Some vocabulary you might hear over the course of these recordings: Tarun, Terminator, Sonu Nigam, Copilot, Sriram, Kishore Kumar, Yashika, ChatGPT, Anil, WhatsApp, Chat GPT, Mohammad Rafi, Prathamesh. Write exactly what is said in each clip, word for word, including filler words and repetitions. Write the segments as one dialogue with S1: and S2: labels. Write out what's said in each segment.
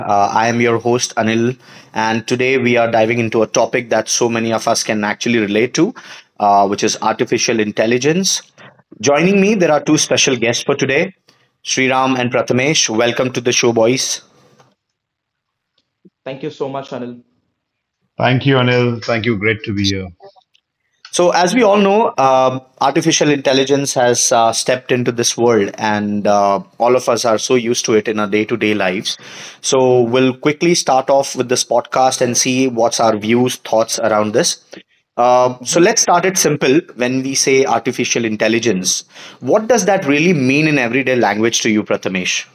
S1: Uh, I am your host, Anil, and today we are diving into a topic that so many of us can actually relate to, uh, which is artificial intelligence. Joining me, there are two special guests for today, Sriram and Prathamesh. Welcome to the show, boys.
S2: Thank you so much, Anil.
S3: Thank you, Anil. Thank you. Great to be here.
S1: So, as we all know, uh, artificial intelligence has uh, stepped into this world, and uh, all of us are so used to it in our day to day lives. So, we'll quickly start off with this podcast and see what's our views, thoughts around this. Uh, so,
S2: Mhm.
S1: let's start it simple. When we say artificial intelligence, what does that really mean in everyday language to you, Prathamesh?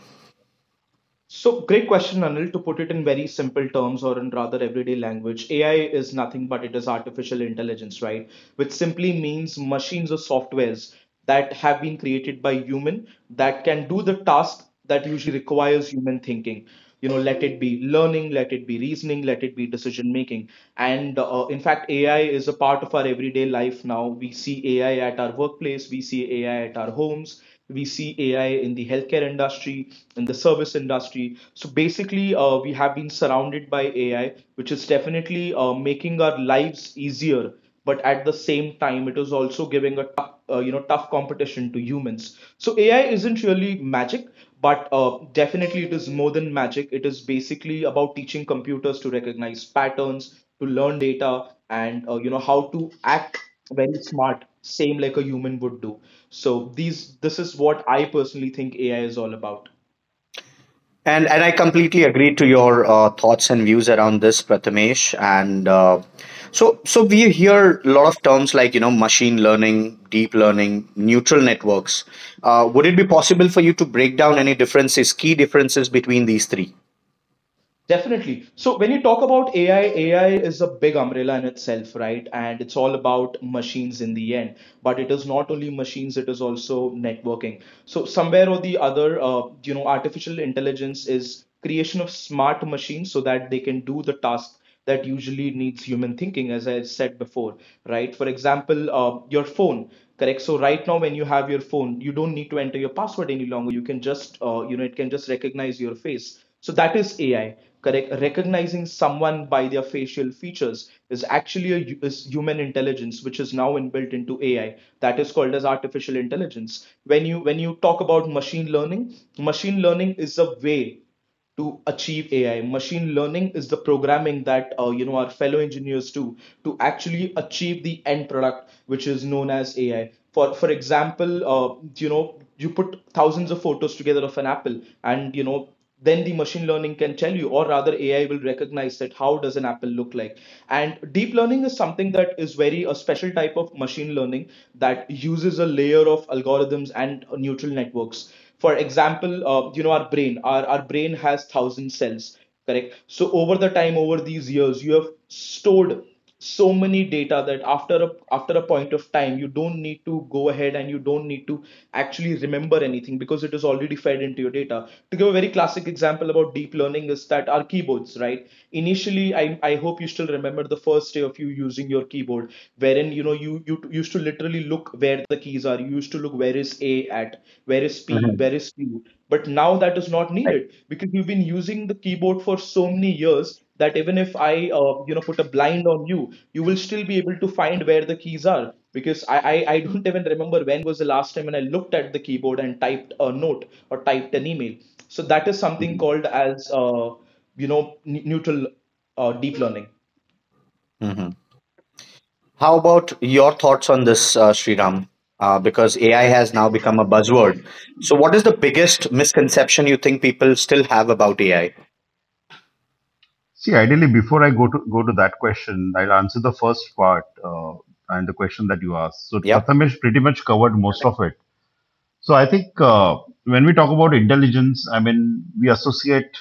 S2: So, great question, Anil. To put it in very simple terms or in rather everyday language, A I is nothing but it is artificial intelligence, right? Which simply means machines or softwares that have been created by human that can do the task that usually requires human thinking. You know, let it be learning, let it be reasoning, let it be decision making. And uh, in fact, A I is a part of our everyday life now. We see A I at our workplace, we see A I at our homes. We see A I in the healthcare industry, in the service industry. So basically, uh, we have been surrounded by A I, which is definitely uh, making our lives easier. But at the same time, it is also giving a tough, uh, you know, tough competition to humans. So A I isn't really magic, but uh, definitely it is more than magic. It is basically about teaching computers to recognize patterns, to learn data, and uh, you know how to act very smart, same like a human would do. So these this is what I personally think AI is all about.
S1: And and I completely agree to your uh, thoughts and views around this, Prathamesh. And uh, so so we hear a lot of terms like you know machine learning, deep learning, neutral networks. Uh, would it be possible for you to break down any differences, key differences between these three?
S2: Definitely. So when you talk about A I, A I is a big umbrella in itself, right? And it's all about machines in the end. But it is not only machines, it is also networking. So somewhere or the other, uh, you know, artificial intelligence is creation of smart machines so that they can do the task that usually needs human thinking, as I said before, right? For example, uh, your phone, correct? So right now, when you have your phone, you don't need to enter your password any longer. You can just, uh, you know, it can just recognize your face. So that is A I, correct? Recognizing someone by their facial features is actually a is human intelligence, which is now inbuilt into A I. That is called as artificial intelligence. When you when you talk about machine learning, machine learning is a way to achieve A I. Machine learning is the programming that uh, you know our fellow engineers do to actually achieve the end product, which is known as A I. For for example, uh, you know you put thousands of photos together of an apple, and you know then the machine learning can tell you, or rather A I will recognize that how does an apple look like. And deep learning is something that is very a special type of machine learning that uses a layer of algorithms and uh, neural networks. For example, uh, you know our brain, our, our brain has thousand cells, correct? So over the time, over these years, you have stored so many data that after a after a point of time, you don't need to go ahead and you don't need to actually remember anything because it is already fed into your data. To give a very classic example about deep learning is that our keyboards, right? Initially, i i hope you still remember the first day of you using your keyboard, wherein you know you you used to literally look where the keys are. You used to look where is A, at where is P,
S1: Mhm.
S2: where is Q. But now that is not
S1: Right.
S2: needed because you've been using the keyboard for so many years that even if I uh, you know put a blind on you, you will still be able to find where the keys are, because I, I i don't even remember when was the last time when I looked at the keyboard and typed a note or typed an email. So that is something
S1: Hmm.
S2: called as uh, you know n- neutral uh, deep learning.
S1: Mm-hmm. How about your thoughts on this, uh, Sriram? Uh, because A I has now become a buzzword. So, what is the biggest misconception you think people still have about A I?
S3: See, ideally, before I go to go to that question, I'll answer the first part uh, and the question that you asked. So
S1: Yep.
S3: Prathamesh pretty much covered most of it. So I think uh, when we talk about intelligence, I mean we associate.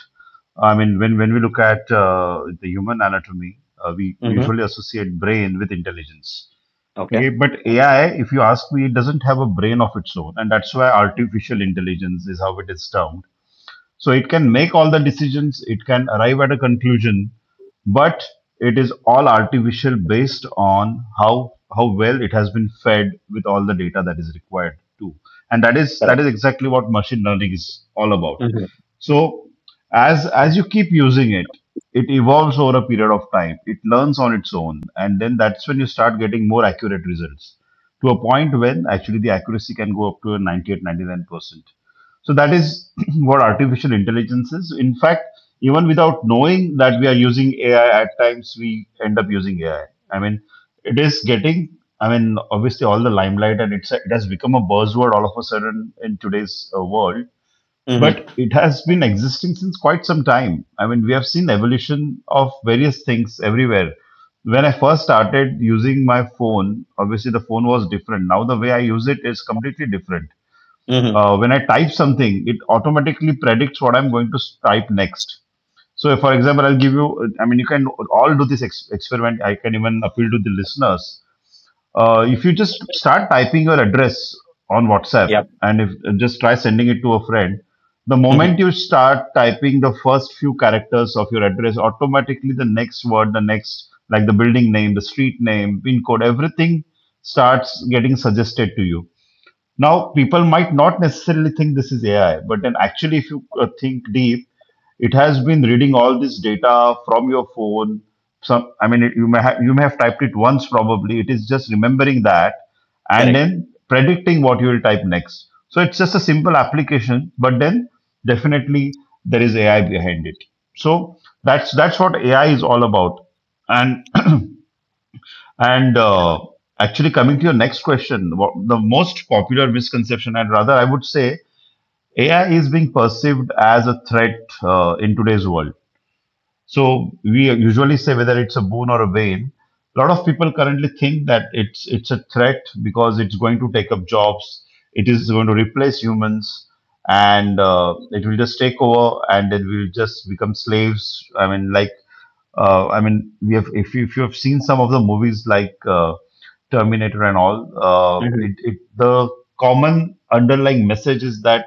S3: I mean when when we look at uh, the human anatomy, uh, we
S1: Mm-hmm.
S3: usually associate brain with intelligence.
S1: Okay.
S3: Okay, but A I, if you ask me, it doesn't have a brain of its own, and that's why artificial intelligence is how it is termed. So it can make all the decisions, it can arrive at a conclusion, but it is all artificial based on how how well it has been fed with all the data that is required too. And that is that is exactly what machine learning is all about.
S1: Mm-hmm.
S3: So as as you keep using it, it evolves over a period of time. It learns on its own, and then that's when you start getting more accurate results to a point when actually the accuracy can go up to a ninety-eight ninety-nine percent. So that is what artificial intelligence is. In fact, even without knowing that we are using A I, at times we end up using A I. I I mean, it is getting. I mean, Obviously, all the limelight and it's it has become a buzzword all of a sudden in today's uh, world.
S1: Mm-hmm.
S3: But it has been existing since quite some time. I mean, we have seen evolution of various things everywhere. When I first started using my phone, obviously the phone was different. Now the way I use it is completely different.
S1: Mm-hmm.
S3: Uh, when I type something, it automatically predicts what I'm going to type next. So, if, for example, I'll give you, I mean, you can all do this ex- experiment. I can even appeal to the listeners. Uh, if you just start typing your address on WhatsApp
S1: Yep.
S3: and if uh, just try sending it to a friend, the
S1: Mm-hmm.
S3: moment you start typing the first few characters of your address, automatically the next word, the next, like the building name, the street name, pin code, everything starts getting suggested to you. Now, people might not necessarily think this is A I, but then actually, if you uh, think deep, it has been reading all this data from your phone. Some, I mean, it, You may have you may have typed it once probably. It is just remembering that and
S1: Correct.
S3: then predicting what you will type next. So it's just a simple application, but then definitely there is A I behind it. So that's that's what A I is all about. And and uh, Actually, coming to your next question, wha- the most popular misconception, and rather, I would say A I is being perceived as a threat uh, in today's world. So we usually say whether it's a boon or a bane. A lot of people currently think that it's it's a threat because it's going to take up jobs, it is going to replace humans, and uh, it will just take over, and then we'll just become slaves. I mean, like, uh, I mean, we have If you, if you have seen some of the movies like. Uh, Terminator and all, uh, it,
S1: Mm-hmm.
S3: it the common underlying message is that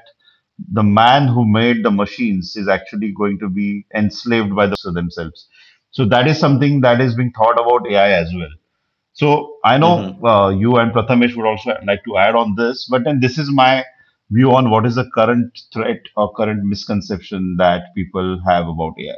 S3: the man who made the machines is actually going to be enslaved by the machines themselves. So that is something that is being thought about A I as well. So I know
S1: Mm-hmm.
S3: uh, you and Prathamesh would also like to add on this, but then this is my view on what is the current threat or current misconception that people have about A I.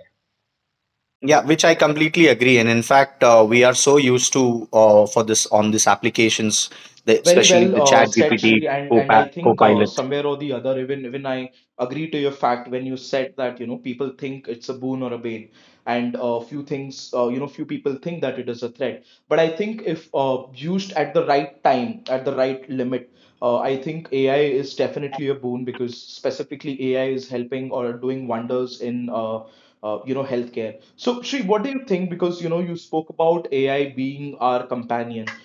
S1: Yeah, which I completely agree. And in fact, uh, we are so used to uh, for this on these applications, the,
S2: Very
S1: especially
S2: well
S1: the
S2: uh,
S1: Chat
S2: said,
S1: G P T
S2: Shri, and and I
S1: Copa-
S2: think uh,
S1: Copilot.
S2: somewhere or the other, even even I agree to your fact when you said that you know people think it's a boon or a bane, and uh, few things uh, you know few people think that it is a threat. But I think if uh, used at the right time, at the right limit, uh, I think A I is definitely a boon because specifically A I is helping or doing wonders in uh, uh, you know healthcare. So Shri, what do you think? Because you know you spoke about A I being our companion.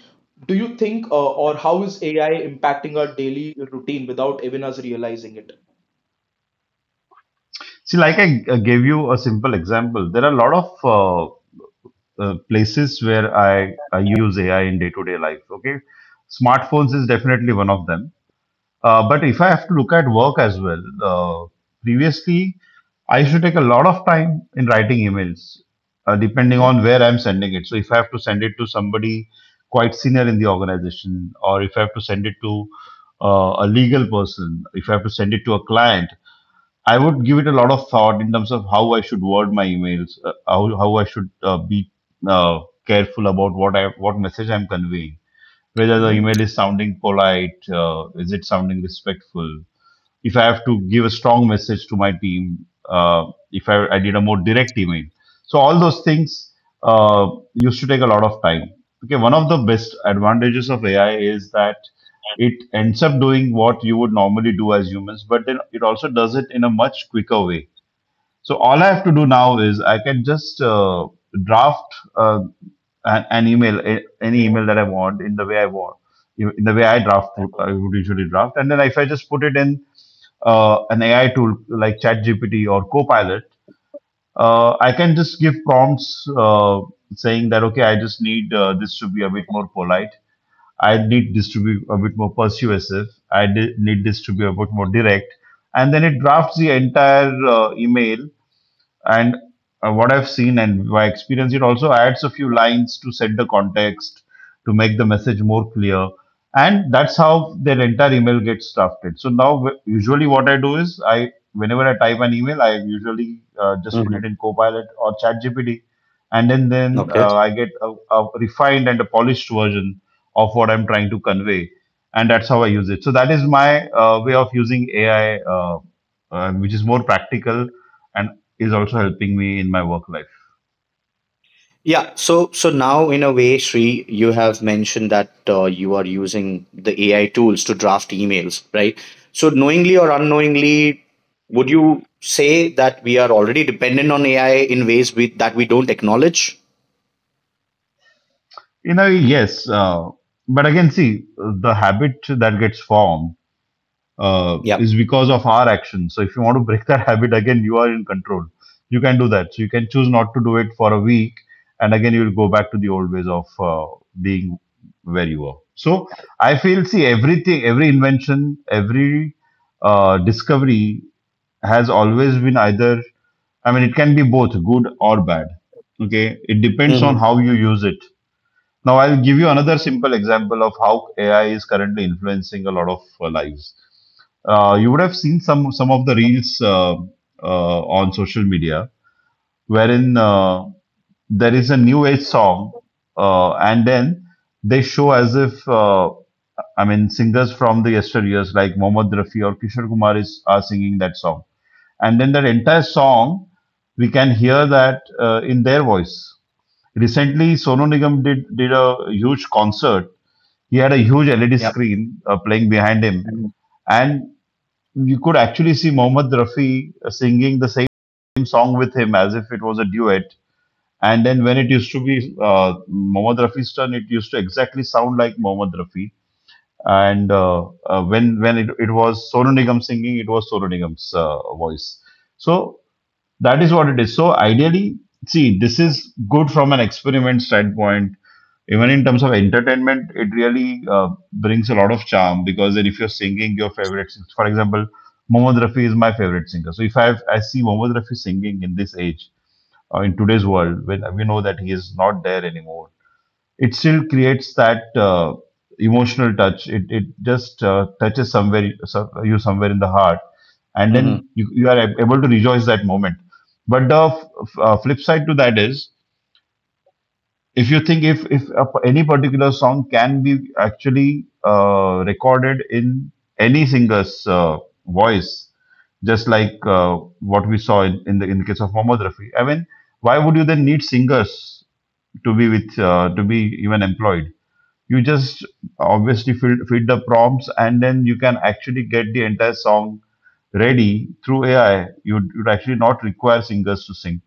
S2: Do you think, uh, or how is A I impacting our daily routine without even us realizing it?
S3: See, like I uh, gave you a simple example, there are a lot of uh, uh, places where I, I use A I in day to day life. Okay. Smartphones is definitely one of them. Uh, but if I have to look at work as well, uh, previously I used to take a lot of time in writing emails, uh, depending
S2: Hmm.
S3: on where I'm sending it. So if I have to send it to somebody quite senior in the organization, or if I have to send it to uh, a legal person, if I have to send it to a client, I would give it a lot of thought in terms of how I should word my emails, uh, how, how I should uh, be uh, careful about what I what message I'm conveying. Whether the
S2: Hmm.
S3: email is sounding polite, uh, is it sounding respectful? If I have to give a strong message to my team, uh, if I, I did a more direct email. So all those things uh, used to take a lot of time. Okay, one of the best advantages of A I is that it ends up doing what you would normally do as humans, but then it also does it in a much quicker way. So all I have to do now is I can just uh, draft uh, an, an email, a- any email that I want in the way I want, in the way I draft I would usually draft, and then if I just put it in uh, an A I tool like ChatGPT or Copilot, uh, I can just give prompts uh, saying that okay, I just need uh, this to be a bit more polite. I need this to be a bit more persuasive. I need this to be a bit more direct, and then it drafts the entire uh, email and uh, what I've seen and my experience, it also adds a few lines to set the context, to make the message more clear. And that's how their entire email gets drafted. So now, w- usually, what I do is I, whenever I type an email, I usually uh, just put
S1: Mm-hmm.
S3: it in Copilot or ChatGPT, and then then
S1: Okay.
S3: uh, I get a, a refined and a polished version of what I'm trying to convey, and that's how I use it. So that is my uh, way of using A I, uh, uh, which is more practical and is also helping me in my work life.
S1: Yeah. So so now in a way, Sri, you have mentioned that uh, you are using the A I tools to draft emails, right? So knowingly or unknowingly, would you say that we are already dependent on A I in ways we, that we don't acknowledge?
S3: You know, yes, uh, but again, see, the habit that gets formed uh,
S1: Yeah.
S3: is because of our actions. So if you want to break that habit, again, you are in control. You can do that. So you can choose not to do it for a week, and again, you will go back to the old ways of uh, being where you were. So I feel, see, everything, every invention, every uh, discovery has always been either I mean, it can be both good or bad. Okay, it depends on
S1: Mhm.
S3: how you use it. Now, I'll give you another simple example of how A I is currently influencing a lot of uh, lives. Uh, you would have seen some some of the reels uh, uh, on social media wherein uh, there is a new age song, uh, and then they show as if uh, I mean singers from the yesteryears like Mohammad Rafi or Kishore Kumar is are singing that song, and then that entire song we can hear that uh, in their voice. Recently, Sonu Nigam did did a huge concert. He had a huge L E D
S1: Yep.
S3: screen uh, playing behind him,
S1: Mhm.
S3: and you could actually see Mohammed Rafi uh, singing the same song with him as if it was a duet. And then when it used to be uh, Mohammed Rafi's turn, it used to exactly sound like Mohammed Rafi. And uh, uh, when when it, it was Sonu Nigam singing, it was Sonu Nigam's uh, voice. So that is what it is. So ideally, see, this is good from an experiment standpoint. Even in terms of entertainment, it really uh, brings a lot of charm because then if you're singing your favorite, sing- for example, Mohammad Rafi is my favorite singer. So if I have, I see Mohammad Rafi singing in this age, uh, in today's world, when we know that he is not there anymore, it still creates that uh, emotional touch. It it just uh, touches somewhere so- you somewhere in the heart, and
S1: Mhm.
S3: then you, you are ab- able to rejoice that moment. But the f- f- uh, flip side to that is if you think if if a p any particular song can be actually uh, recorded in any singer's uh, voice, just like uh, what we saw in, in the in the case of Mohammad Rafi. I mean, why would you then need singers to be with uh, to be even employed? You just obviously feed, feed the prompts, and then you can actually get the entire song ready through A I. You'd, you'd actually not require singers to sing.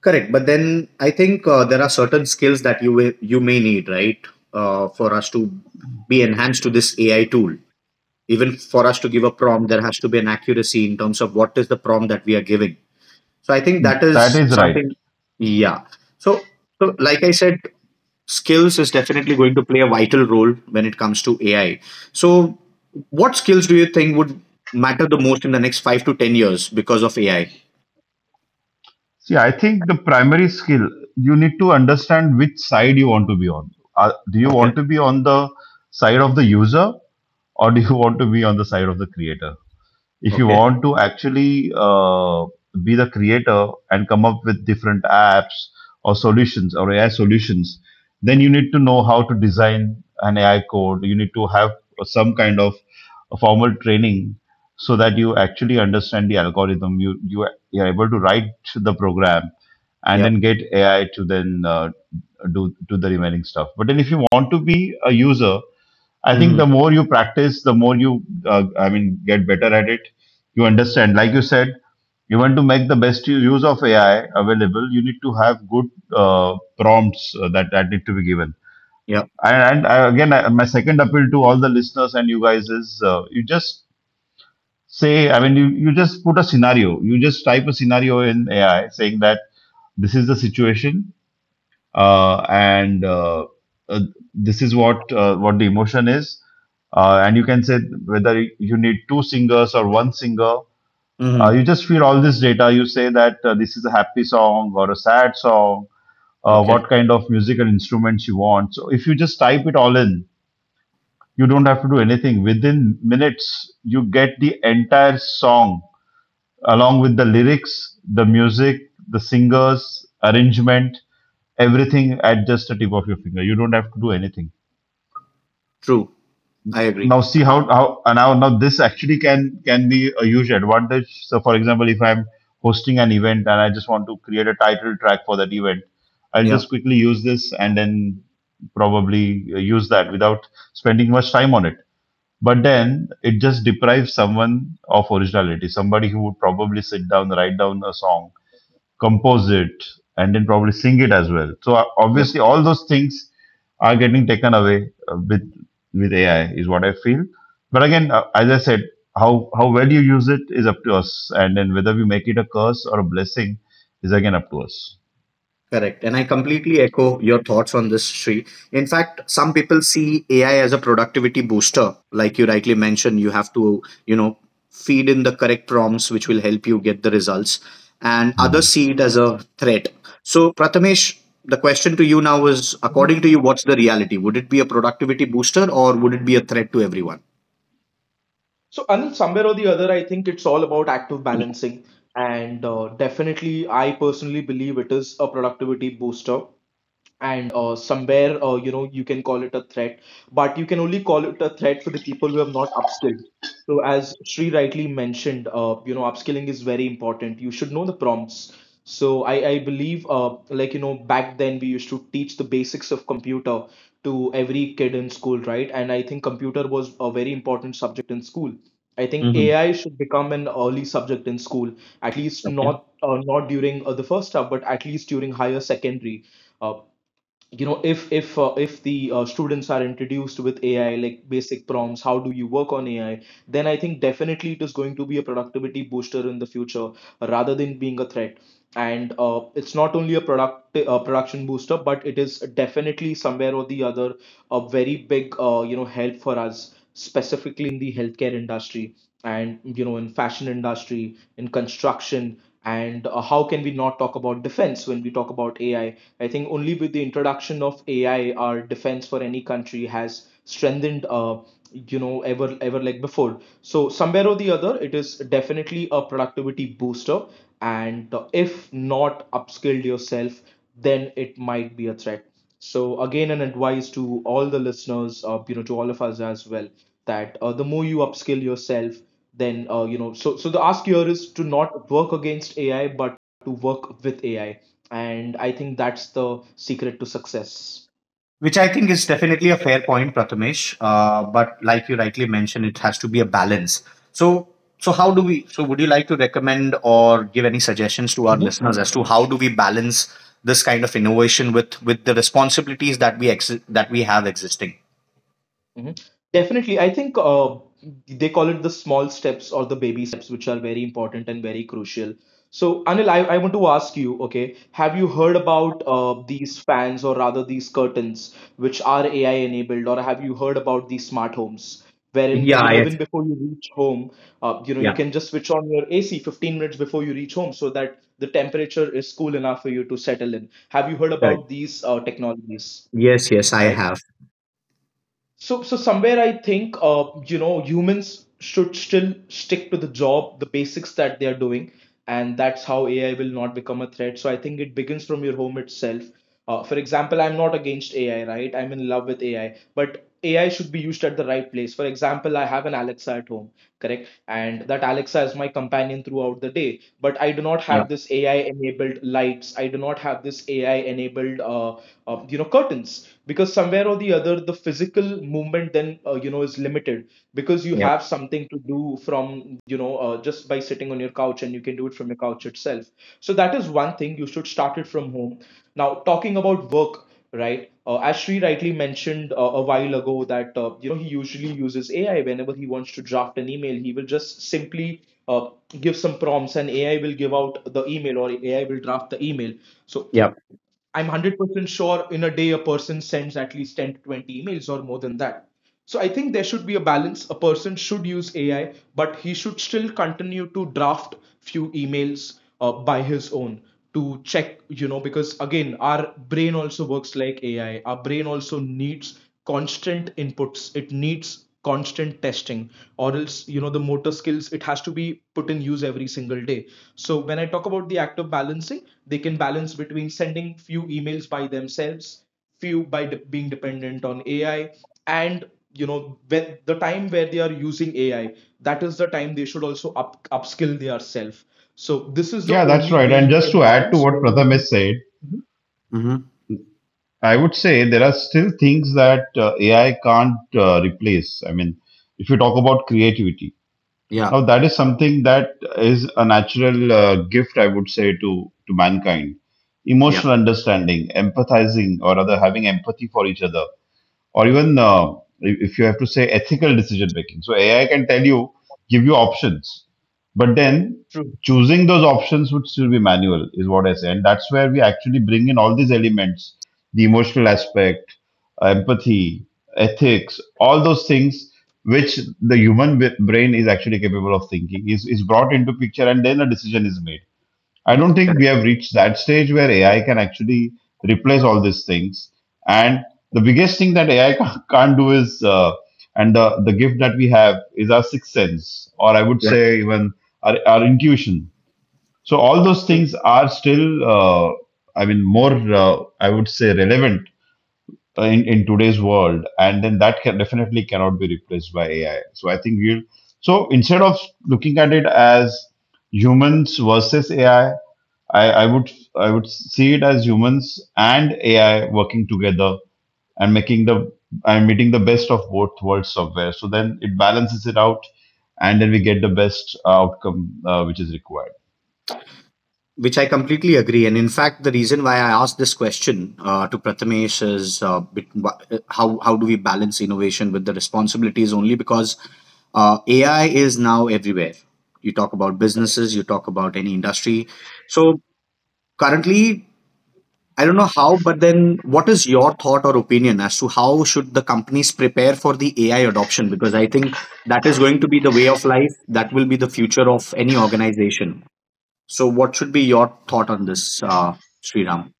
S1: Correct, but then I think uh, there are certain skills that you will, you may need, right, uh, for us to be enhanced to this A I tool. Even for us to give a prompt, there has to be an accuracy in terms of what is the prompt that we are giving. So I think that
S3: That
S1: is
S3: is right.
S1: something. Yeah. So so like I said, skills is definitely going to play a vital role when it comes to A I. So what skills do you think would matter the most in the next five to ten years because of A I?
S3: See, I think the primary skill, you need to understand which side you want to be on. Uh, do you want to be on the side of the user, or do you want to be on the side of the creator? If you want to actually uh, be the creator and come up with different apps or solutions or A I solutions, then you need to know how to design an A I code. You need to have some kind of a formal training so that you actually understand the algorithm. You you are you are able to write the program and then get A I to then uh, do do the remaining stuff. But then if you want to be a user, I think
S1: Yeah.
S3: the more you practice, the more you, uh, I mean, get better at it. You understand, like you said, you want to make the best u- use of A I available. You need to have good uh, prompts uh, that that need to be given.
S1: Yeah.
S3: And, and I, again, I, my second appeal to all the listeners and you guys is, uh, you just say, I mean, you you just put a scenario. You just type a scenario in A I saying that this is the situation uh, and uh, uh, this is what uh, what the emotion is, uh, and you can say whether you need two singers or one singer. Uh,
S1: Mhm.
S3: you just feed all this data. You say that uh, this is a happy song or a sad song, uh,
S1: Okay.
S3: what kind of musical instruments you want. So if you just type it all in, you don't have to do anything. Within minutes, you get the entire song along with the lyrics, the music, the singers, arrangement, everything at just the tip of your finger. You don't have to do anything.
S1: True. I agree.
S3: Now see how how uh, now now this actually can can be a huge advantage. So for example, if I'm hosting an event and I just want to create a title track for that event, I'll
S1: Yeah.
S3: just quickly use this and then probably uh, use that without spending much time on it. But then it just deprives someone of originality, somebody who would probably sit down, write down a song, compose it, and then probably sing it as well. So uh,
S1: Yep.
S3: obviously, all those things are getting taken away uh, with with A I, is what I feel. But again, uh, as I said, how how well you use it is up to us, and then whether we make it a curse or a blessing is again up to us.
S1: Correct. And I completely echo your thoughts on this, Sri. In fact, some people see A I as a productivity booster. Like you rightly mentioned, you have to, you know, feed in the correct prompts, which will help you get the results. And others
S3: Hmm.
S1: see it as a threat. So, Prathamesh, the question to you now is according
S2: Mhm.
S1: to you, what's the reality? Would it be a productivity booster or would it be a threat to everyone?
S2: So, Anil, somewhere or the other, I think it's all about active balancing. And uh, definitely, I personally believe it is a productivity booster. And uh, somewhere uh, you know you can call it a threat, but you can only call it a threat for the people who have not upskilled. So as Sri rightly mentioned, uh, you know upskilling is very important. You should know the prompts. So I, I believe uh, like you know back then we used to teach the basics of computer to every kid in school, right? And I think computer was a very important subject in school. I think
S1: Hmm.
S2: A I should become an early subject in school, at least not uh, not during uh, the first half, but at least during higher secondary. uh you know, if if uh, if the uh, students are introduced with AI, like basic prompts, how do you work on AI, then I think definitely it is going to be a productivity booster in the future rather than being a threat. And uh, it's not only a product uh, production booster, but it is definitely somewhere or the other a very big uh, you know help for us, specifically in the healthcare industry, and you know in fashion industry, in construction, and uh, how can we not talk about defense when we talk about AI. i I think only with the introduction of AI, our defense for any country has strengthened uh, you know ever ever like before. So somewhere or the other, it is definitely a productivity booster. And uh, if not upskilled yourself, then it might be a threat. So again, an advice to all the listeners, uh, you know to all of us as well, that uh, the more you upskill yourself, then uh, you know so so the ask here is to not work against AI but to work with AI. And I think that's the secret to success.
S1: Which I think is definitely a fair point, Prathamesh. Uh, but like you rightly mentioned, it has to be a balance. So, so how do we? So, would you like to recommend or give any suggestions to our listeners as to how do we balance this kind of innovation with with the responsibilities that we ex- that we have existing?
S2: Mhm. Definitely. I think uh, they call it the small steps or the baby steps, which are very important and very crucial. So, Anil, I, I want to ask you, okay, have you heard about uh, these fans or rather these curtains which are A I enabled, or have you heard about these smart homes? Wherein, uh, you
S1: Yeah.
S2: know,
S1: Yes.
S2: even before you reach home, uh, you know, you
S1: Yeah.
S2: can just switch on your A C fifteen minutes before you reach home so that the temperature is cool enough for you to settle in. Have you heard
S1: Correct.
S2: about these uh, technologies,
S1: Yes. Yes. I
S2: right?
S1: have.
S2: So, so somewhere I think, uh, you know, humans should still stick to the job, the basics that they are doing, and that's how A I will not become a threat. So I think it begins from your home itself. Uh, for example, I'm not against A I, right? I'm in love with A I, but A I should be used at the right place. For example, I have an Alexa at home, correct? And that Alexa is my companion throughout the day. But I do not
S1: Yeah.
S2: have this A I enabled lights. I do not have this A I enabled, uh, uh, you know, curtains. Because somewhere or the other, the physical movement then, uh, you know, is limited because you
S1: Yeah.
S2: have something to do from, you know, uh, just by sitting on your couch, and you can do it from your couch itself. So that is one thing. You should start it from home. Now, talking about work, right? Uh, as Sri rightly mentioned uh, a while ago, that uh, you know he usually uses A I whenever he wants to draft an email. He will just simply uh, give some prompts, and A I will give out the email, or A I will draft the email. So
S1: Yeah.
S2: I'm one hundred percent sure in a day a person sends at least ten to twenty emails or more than that. So I think there should be a balance. A person should use A I, but he should still continue to draft few emails uh, by his own to check, you know, because again, our brain also works like A I. Our brain also needs constant inputs. It needs constant testing, or else you know the motor skills, it has to be put in use every single day. So when I talk about the act of balancing, they can balance between sending few emails by themselves, few by de- being dependent on AI. And you know when the time where they are using AI, that is the time they should also up upskill their self. So this is the
S3: Yeah, that's
S2: only
S3: right.
S2: way
S3: And
S2: you
S3: just
S2: can
S3: to add to
S2: balance
S3: what
S2: where.
S3: Pratham has
S2: Mhm.
S3: said,
S1: Mm-hmm.
S3: I would say there are still things that uh, A I can't uh, replace. I mean, if you talk about creativity,
S1: Yeah.
S3: now that is something that is a natural uh, gift, I would say, to, to mankind.
S1: Yeah.
S3: Emotional understanding, empathizing, or rather having empathy for each other, or even uh, if you have to say ethical decision making. So A I can tell you, give you options, but then
S2: True,
S3: choosing those options would still be manual, is what I say. And that's where we actually bring in all these elements: the emotional aspect, empathy, ethics, all those things which the human b- brain is actually capable of thinking is, is brought into picture and then a decision is made. I
S1: Mm,
S3: don't think we
S1: correct.
S3: have reached that stage where A I can actually replace all these things. And the biggest thing that A I ca- can't do is, uh, and the, the gift that we have is our sixth sense, or I would say even our, our intuition. So all those
S2: true.
S3: things are still, uh, I mean, more, uh, I would say, relevant uh, in, in today's world. And then that can definitely cannot be replaced by A I. So I think we'll, so instead of looking at it as humans versus A I, I, I would I would see it as humans and A I working together and making the and meeting the best of both worlds somewhere. So then it balances it out, and then we get the best uh, outcome uh, which is required.
S1: Which I completely agree. And in fact, the reason why I asked this question uh, to Prathamesh is uh, bit- wha- uh, how, how do we balance innovation with the responsibilities only because uh, A I is now everywhere. You talk about businesses, you talk about any industry. So currently, I don't know how, but then what is your thought or opinion as to how should the companies prepare for the A I adoption? Because I think that is going to be the way of life. That will be the future of any organization. So, what should be your thought on this, uh, Sriram?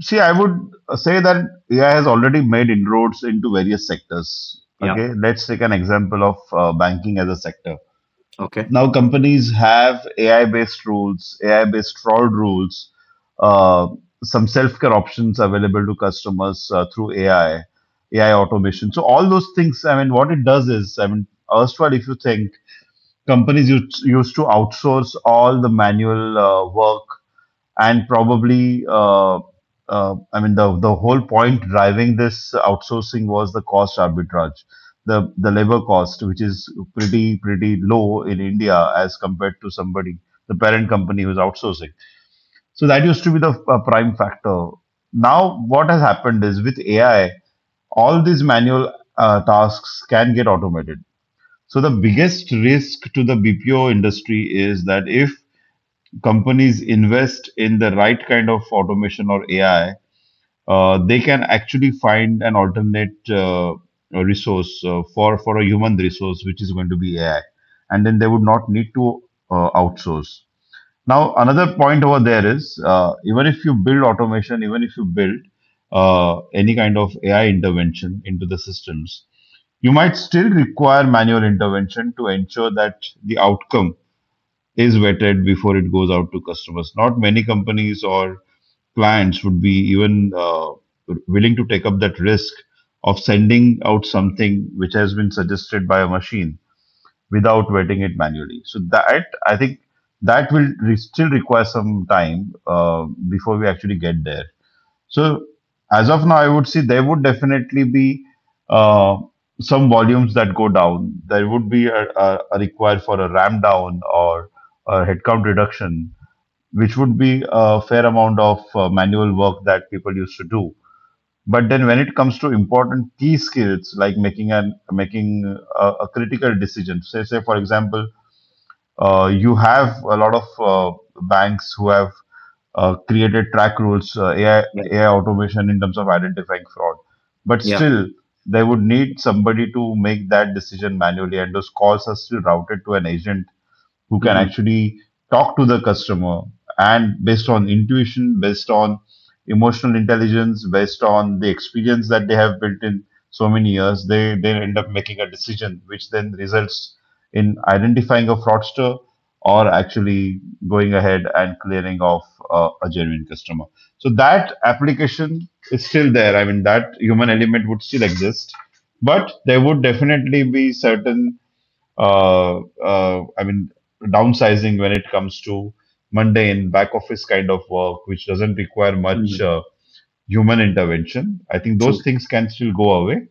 S3: See, I would say that A I has already made inroads into various sectors.
S1: Yeah.
S3: Okay, let's take an example of uh, banking as a sector.
S1: Okay.
S3: Now companies have A I based rules, A I based fraud rules, uh, some self care options available to customers uh, through A I, A I automation. So, all those things, I mean, what it does is, I mean, erstwhile, if you think companies used, used to outsource all the manual uh, work and probably uh, uh, I mean, the, the whole point driving this outsourcing was the cost arbitrage, the the labor cost, which is pretty pretty low in India as compared to somebody, the parent company who's outsourcing. So that used to be the uh, prime factor. Now what has happened is, with AI, all these manual uh, tasks can get automated. So the biggest risk to the B P O industry is that if companies invest in the right kind of automation or A I, uh, they can actually find an alternate uh, resource uh, for for a human resource, which is going to be A I, and then they would not need to uh, outsource. Now, another point over there is, uh, even if you build automation, even if you build uh, any kind of A I intervention into the systems, you might still require manual intervention to ensure that the outcome is vetted before it goes out to customers. Not many companies or clients would be even uh, willing to take up that risk of sending out something which has been suggested by a machine without vetting it manually. So that, I think that will re- still require some time uh, before we actually get there. So as of now, I would say there would definitely be uh, some volumes that go down. There would be a, a, a require for a ramp down or a headcount reduction, which would be a fair amount of uh, manual work that people used to do. But then when it comes to important key skills like making an making a, a critical decision, say say for example, uh, you have a lot of uh, banks who have uh, created track rules, uh, A I,
S1: Yeah.
S3: A I automation in terms of identifying fraud. But
S1: Yeah.
S3: still, they would need somebody to make that decision manually, and those calls are still routed to an agent who can
S1: Hmm.
S3: actually talk to the customer and, based on intuition, based on emotional intelligence, based on the experience that they have built in so many years, they, they end up making a decision which then results in identifying a fraudster or actually going ahead and clearing off uh, a genuine customer. So that application is still there. I mean, that human element would still exist, but there would definitely be certain uh, uh, I mean, downsizing when it comes to mundane back office kind of work, which doesn't require much
S1: Hmm.
S3: uh, human intervention. I think those
S1: True.
S3: things can still go away.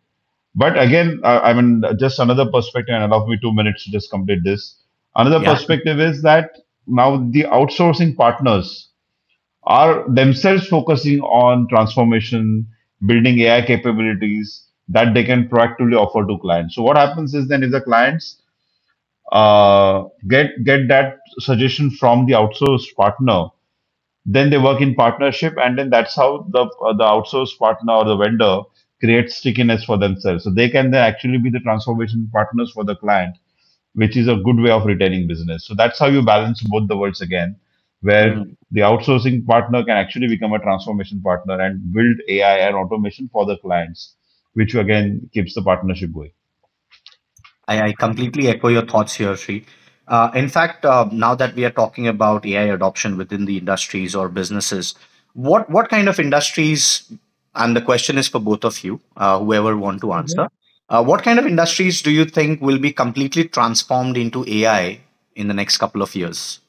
S3: But again, I, I mean, just another perspective, and allow me two minutes to just complete this. Another
S1: Yeah.
S3: perspective is that now the outsourcing partners are themselves focusing on transformation, building A I capabilities that they can proactively offer to clients. So what happens is, then if the clients uh, get get that suggestion from the outsourced partner, then they work in partnership, and then that's how the uh, the outsourced partner or the vendor creates stickiness for themselves. So they can then actually be the transformation partners for the client, which is a good way of retaining business. So that's how you balance both the worlds again, where
S1: Hmm.
S3: the outsourcing partner can actually become a transformation partner and build A I and automation for the clients, which again keeps the partnership going.
S1: I, I completely echo your thoughts here, Sri. Uh, in fact, uh, now that we are talking about A I adoption within the industries or businesses, what what kind of industries? And the question is for both of you, uh, whoever want to answer.
S2: Mm-hmm.
S1: Uh, what kind of industries do you think will be completely transformed into A I in the next couple of years?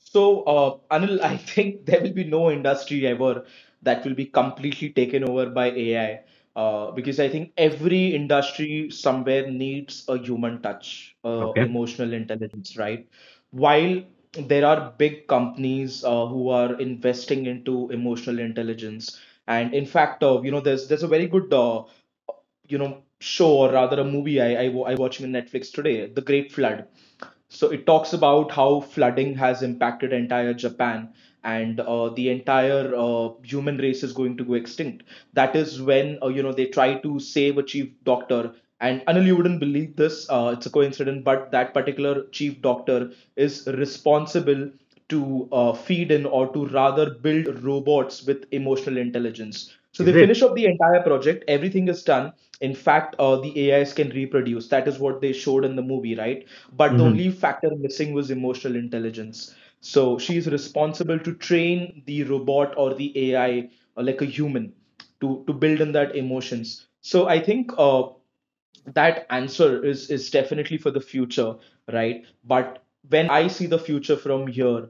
S2: So, uh, Anil, I think there will be no industry ever that will be completely taken over by A I, uh, because I think every industry somewhere needs a human touch, uh,
S1: Okay.
S2: emotional intelligence, right? While there are big companies uh, who are investing into emotional intelligence, and in fact, uh, you know, there's there's a very good uh, you know show, or rather a movie I, I, I watching on Netflix today, The Great Flood. So it talks about how flooding has impacted entire Japan, and uh, the entire uh, human race is going to go extinct. That is when uh, you know they try to save a chief doctor. And Anil, you wouldn't believe this. Uh, it's a coincidence, but that particular chief doctor is responsible to uh, feed in, or to rather build robots with emotional intelligence. So
S1: Is
S2: they
S1: it?
S2: finish up the entire project, everything is done. In fact, uh, the A Is can reproduce. That is what they showed in the movie, right? But the
S1: Hmm.
S2: only factor missing was emotional intelligence. So she is responsible to train the robot or the A I uh, like a human to to build in that emotions. So I think uh, that answer is is definitely for the future, right? But when I see the future from here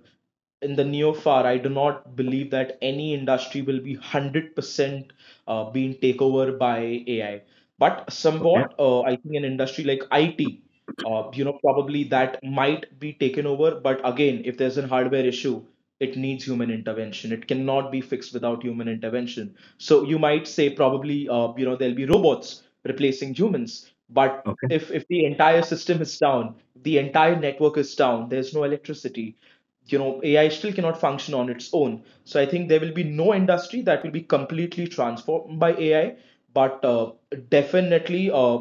S2: in the near far, I do not believe that any industry will be one hundred percent uh, being taken over by AI. But
S1: Okay.
S2: somewhat uh, I think an industry like it, uh, you know, probably that might be taken over. But again, if there's a hardware issue, it needs human intervention. It cannot be fixed without human intervention. So you might say probably, uh, you know, there'll be robots replacing humans. But if if the entire system is down, the entire network is down, there's no electricity. You know, A I still cannot function on its own. So I think there will be no industry that will be completely transformed by A I. But uh, definitely, uh,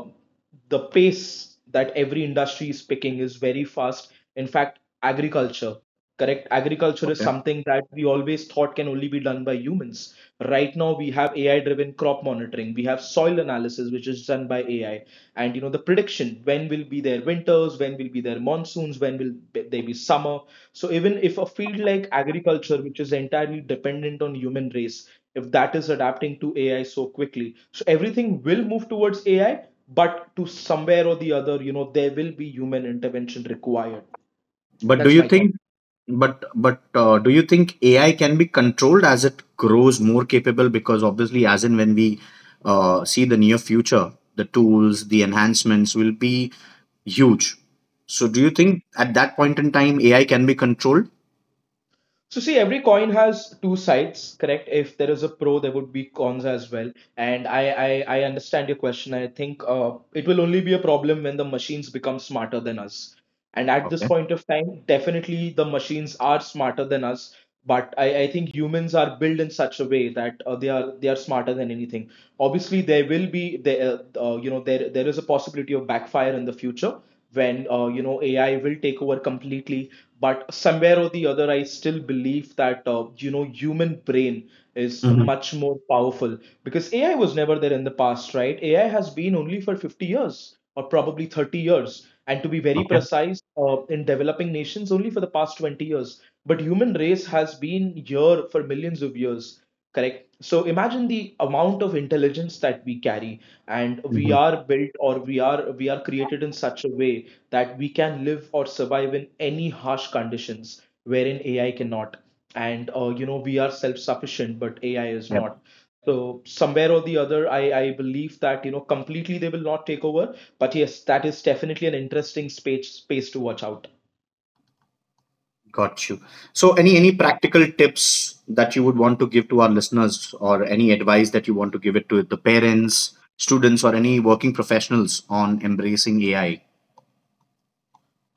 S2: the pace that every industry is picking is very fast. In fact, agriculture, correct? Agriculture is
S1: Okay.
S2: something that we always thought can only be done by humans. Right now, we have A I driven crop monitoring, we have soil analysis, which is done by A I. And you know, the prediction when will be their winters, when will be their monsoons, when will be- they be summer. So, even if a field like agriculture, which is entirely dependent on human race, if that is adapting to A I so quickly, so everything will move towards A I. But to somewhere or the other, you know, there will be human intervention required.
S1: But do
S2: That's
S1: you
S2: my thought.
S1: think, but but uh, do you think A I can be controlled as it grows more capable? Because obviously, as in when we uh, see the near future, the tools, the enhancements will be huge. So, do you think at that point in time A I can be controlled?
S2: So see, every coin has two sides, correct? If there is a pro, there would be cons as well. And I, I, I understand your question. I think uh, it will only be a problem when the machines become smarter than us. And at this
S1: Okay.
S2: point of time, definitely the machines are smarter than us. But I, I think humans are built in such a way that uh, they are they are smarter than anything. Obviously, there will be. There uh, uh, you know there there is a possibility of backfire in the future when uh, you know A I will take over completely. But somewhere or the other, I still believe that uh, you know human brain is
S1: Hmm.
S2: much more powerful, because A I was never there in the past, right? A I has been only for fifty years, or probably thirty years, and to be very
S1: Okay.
S2: precise, uh, in developing nations only for the past twenty years. But human race has been here for millions of years, correct? So imagine the amount of intelligence that we carry, and we
S1: Hmm.
S2: are built, or we are we are created in such a way that we can live or survive in any harsh conditions, wherein AI cannot. And uh, you know we are self sufficient, but AI is
S1: Yep.
S2: not. So somewhere or the other, i i believe that you know completely they will not take over. But yes, that is definitely an interesting space space to watch out.
S1: Got you. So, any any practical tips that you would want to give to our listeners, or any advice that you want to give it to the parents, students, or any working professionals on embracing A I?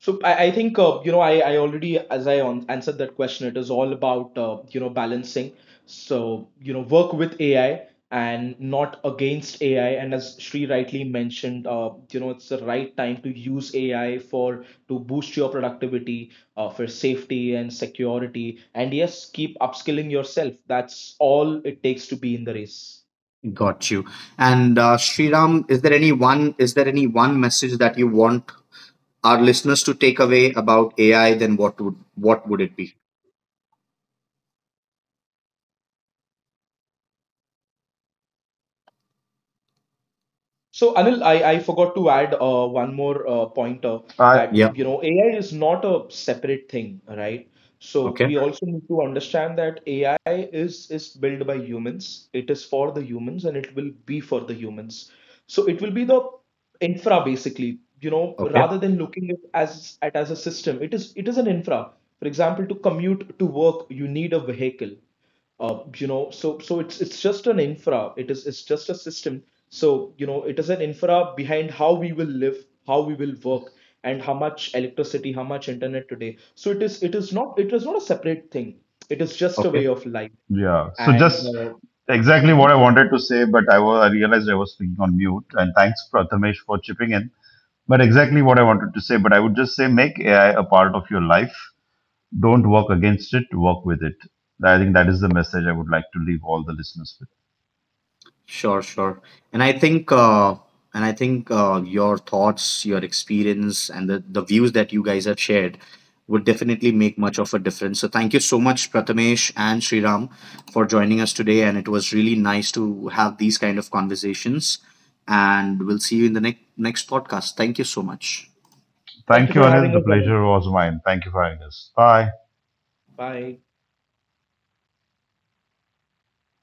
S2: So I, I think uh, you know I, I already, as I on, answered that question, it is all about uh, you know balancing. So you know, work with A I and not against A I. And as Shri rightly mentioned, uh, you know it's the right time to use A I for to boost your productivity, uh, for safety and security. And yes, keep upskilling yourself. That's all it takes to be in the race.
S1: Got you. And uh, Sriram, is there any one is there any one message that you want our listeners to take away about A I? Then what would what would it be?
S2: So Anil, I, I forgot to add uh, one more uh, pointer
S3: I,
S2: that
S1: Yeah.
S2: you know A I is not a separate thing, right? So
S1: Okay.
S2: we also need to understand that A I is is built by humans. It is for the humans and it will be for the humans. So it will be the infra basically, you know,
S1: Okay.
S2: rather than looking it as at as a system. It is it is an infra. For example, to commute to work, you need a vehicle, uh, you know so so it's it's just an infra. It is it's just a system. So you know, it is an infra behind how we will live, how we will work, and how much electricity, how much internet today. So it is it is not it is not a separate thing. It is just a
S1: Okay.
S2: way of life.
S3: yeah. So
S2: And
S3: just
S2: uh,
S3: exactly what
S2: mhm.
S3: I wanted to say, but I, wa- I realized I was speaking on mute. And thanks, Prathamesh, for chipping in. But exactly what I wanted to say, but I would just say make A I a part of your life. Don't work against it, work with it. I think that is the message I would like to leave all the listeners with.
S1: Sure, sure. And I think uh and I think uh your thoughts, your experience and the, the views that you guys have shared would definitely make much of a difference. So thank you so much Prathamesh and Sriram for joining us today and it was really nice to have these kind of conversations and we'll see you in the next next podcast. Thank you so much.
S2: thank you
S3: Thank you,
S2: for having
S3: Anil. The
S2: us, Anil.
S3: pleasure was mine. Thank you for having us. Bye.
S2: Bye.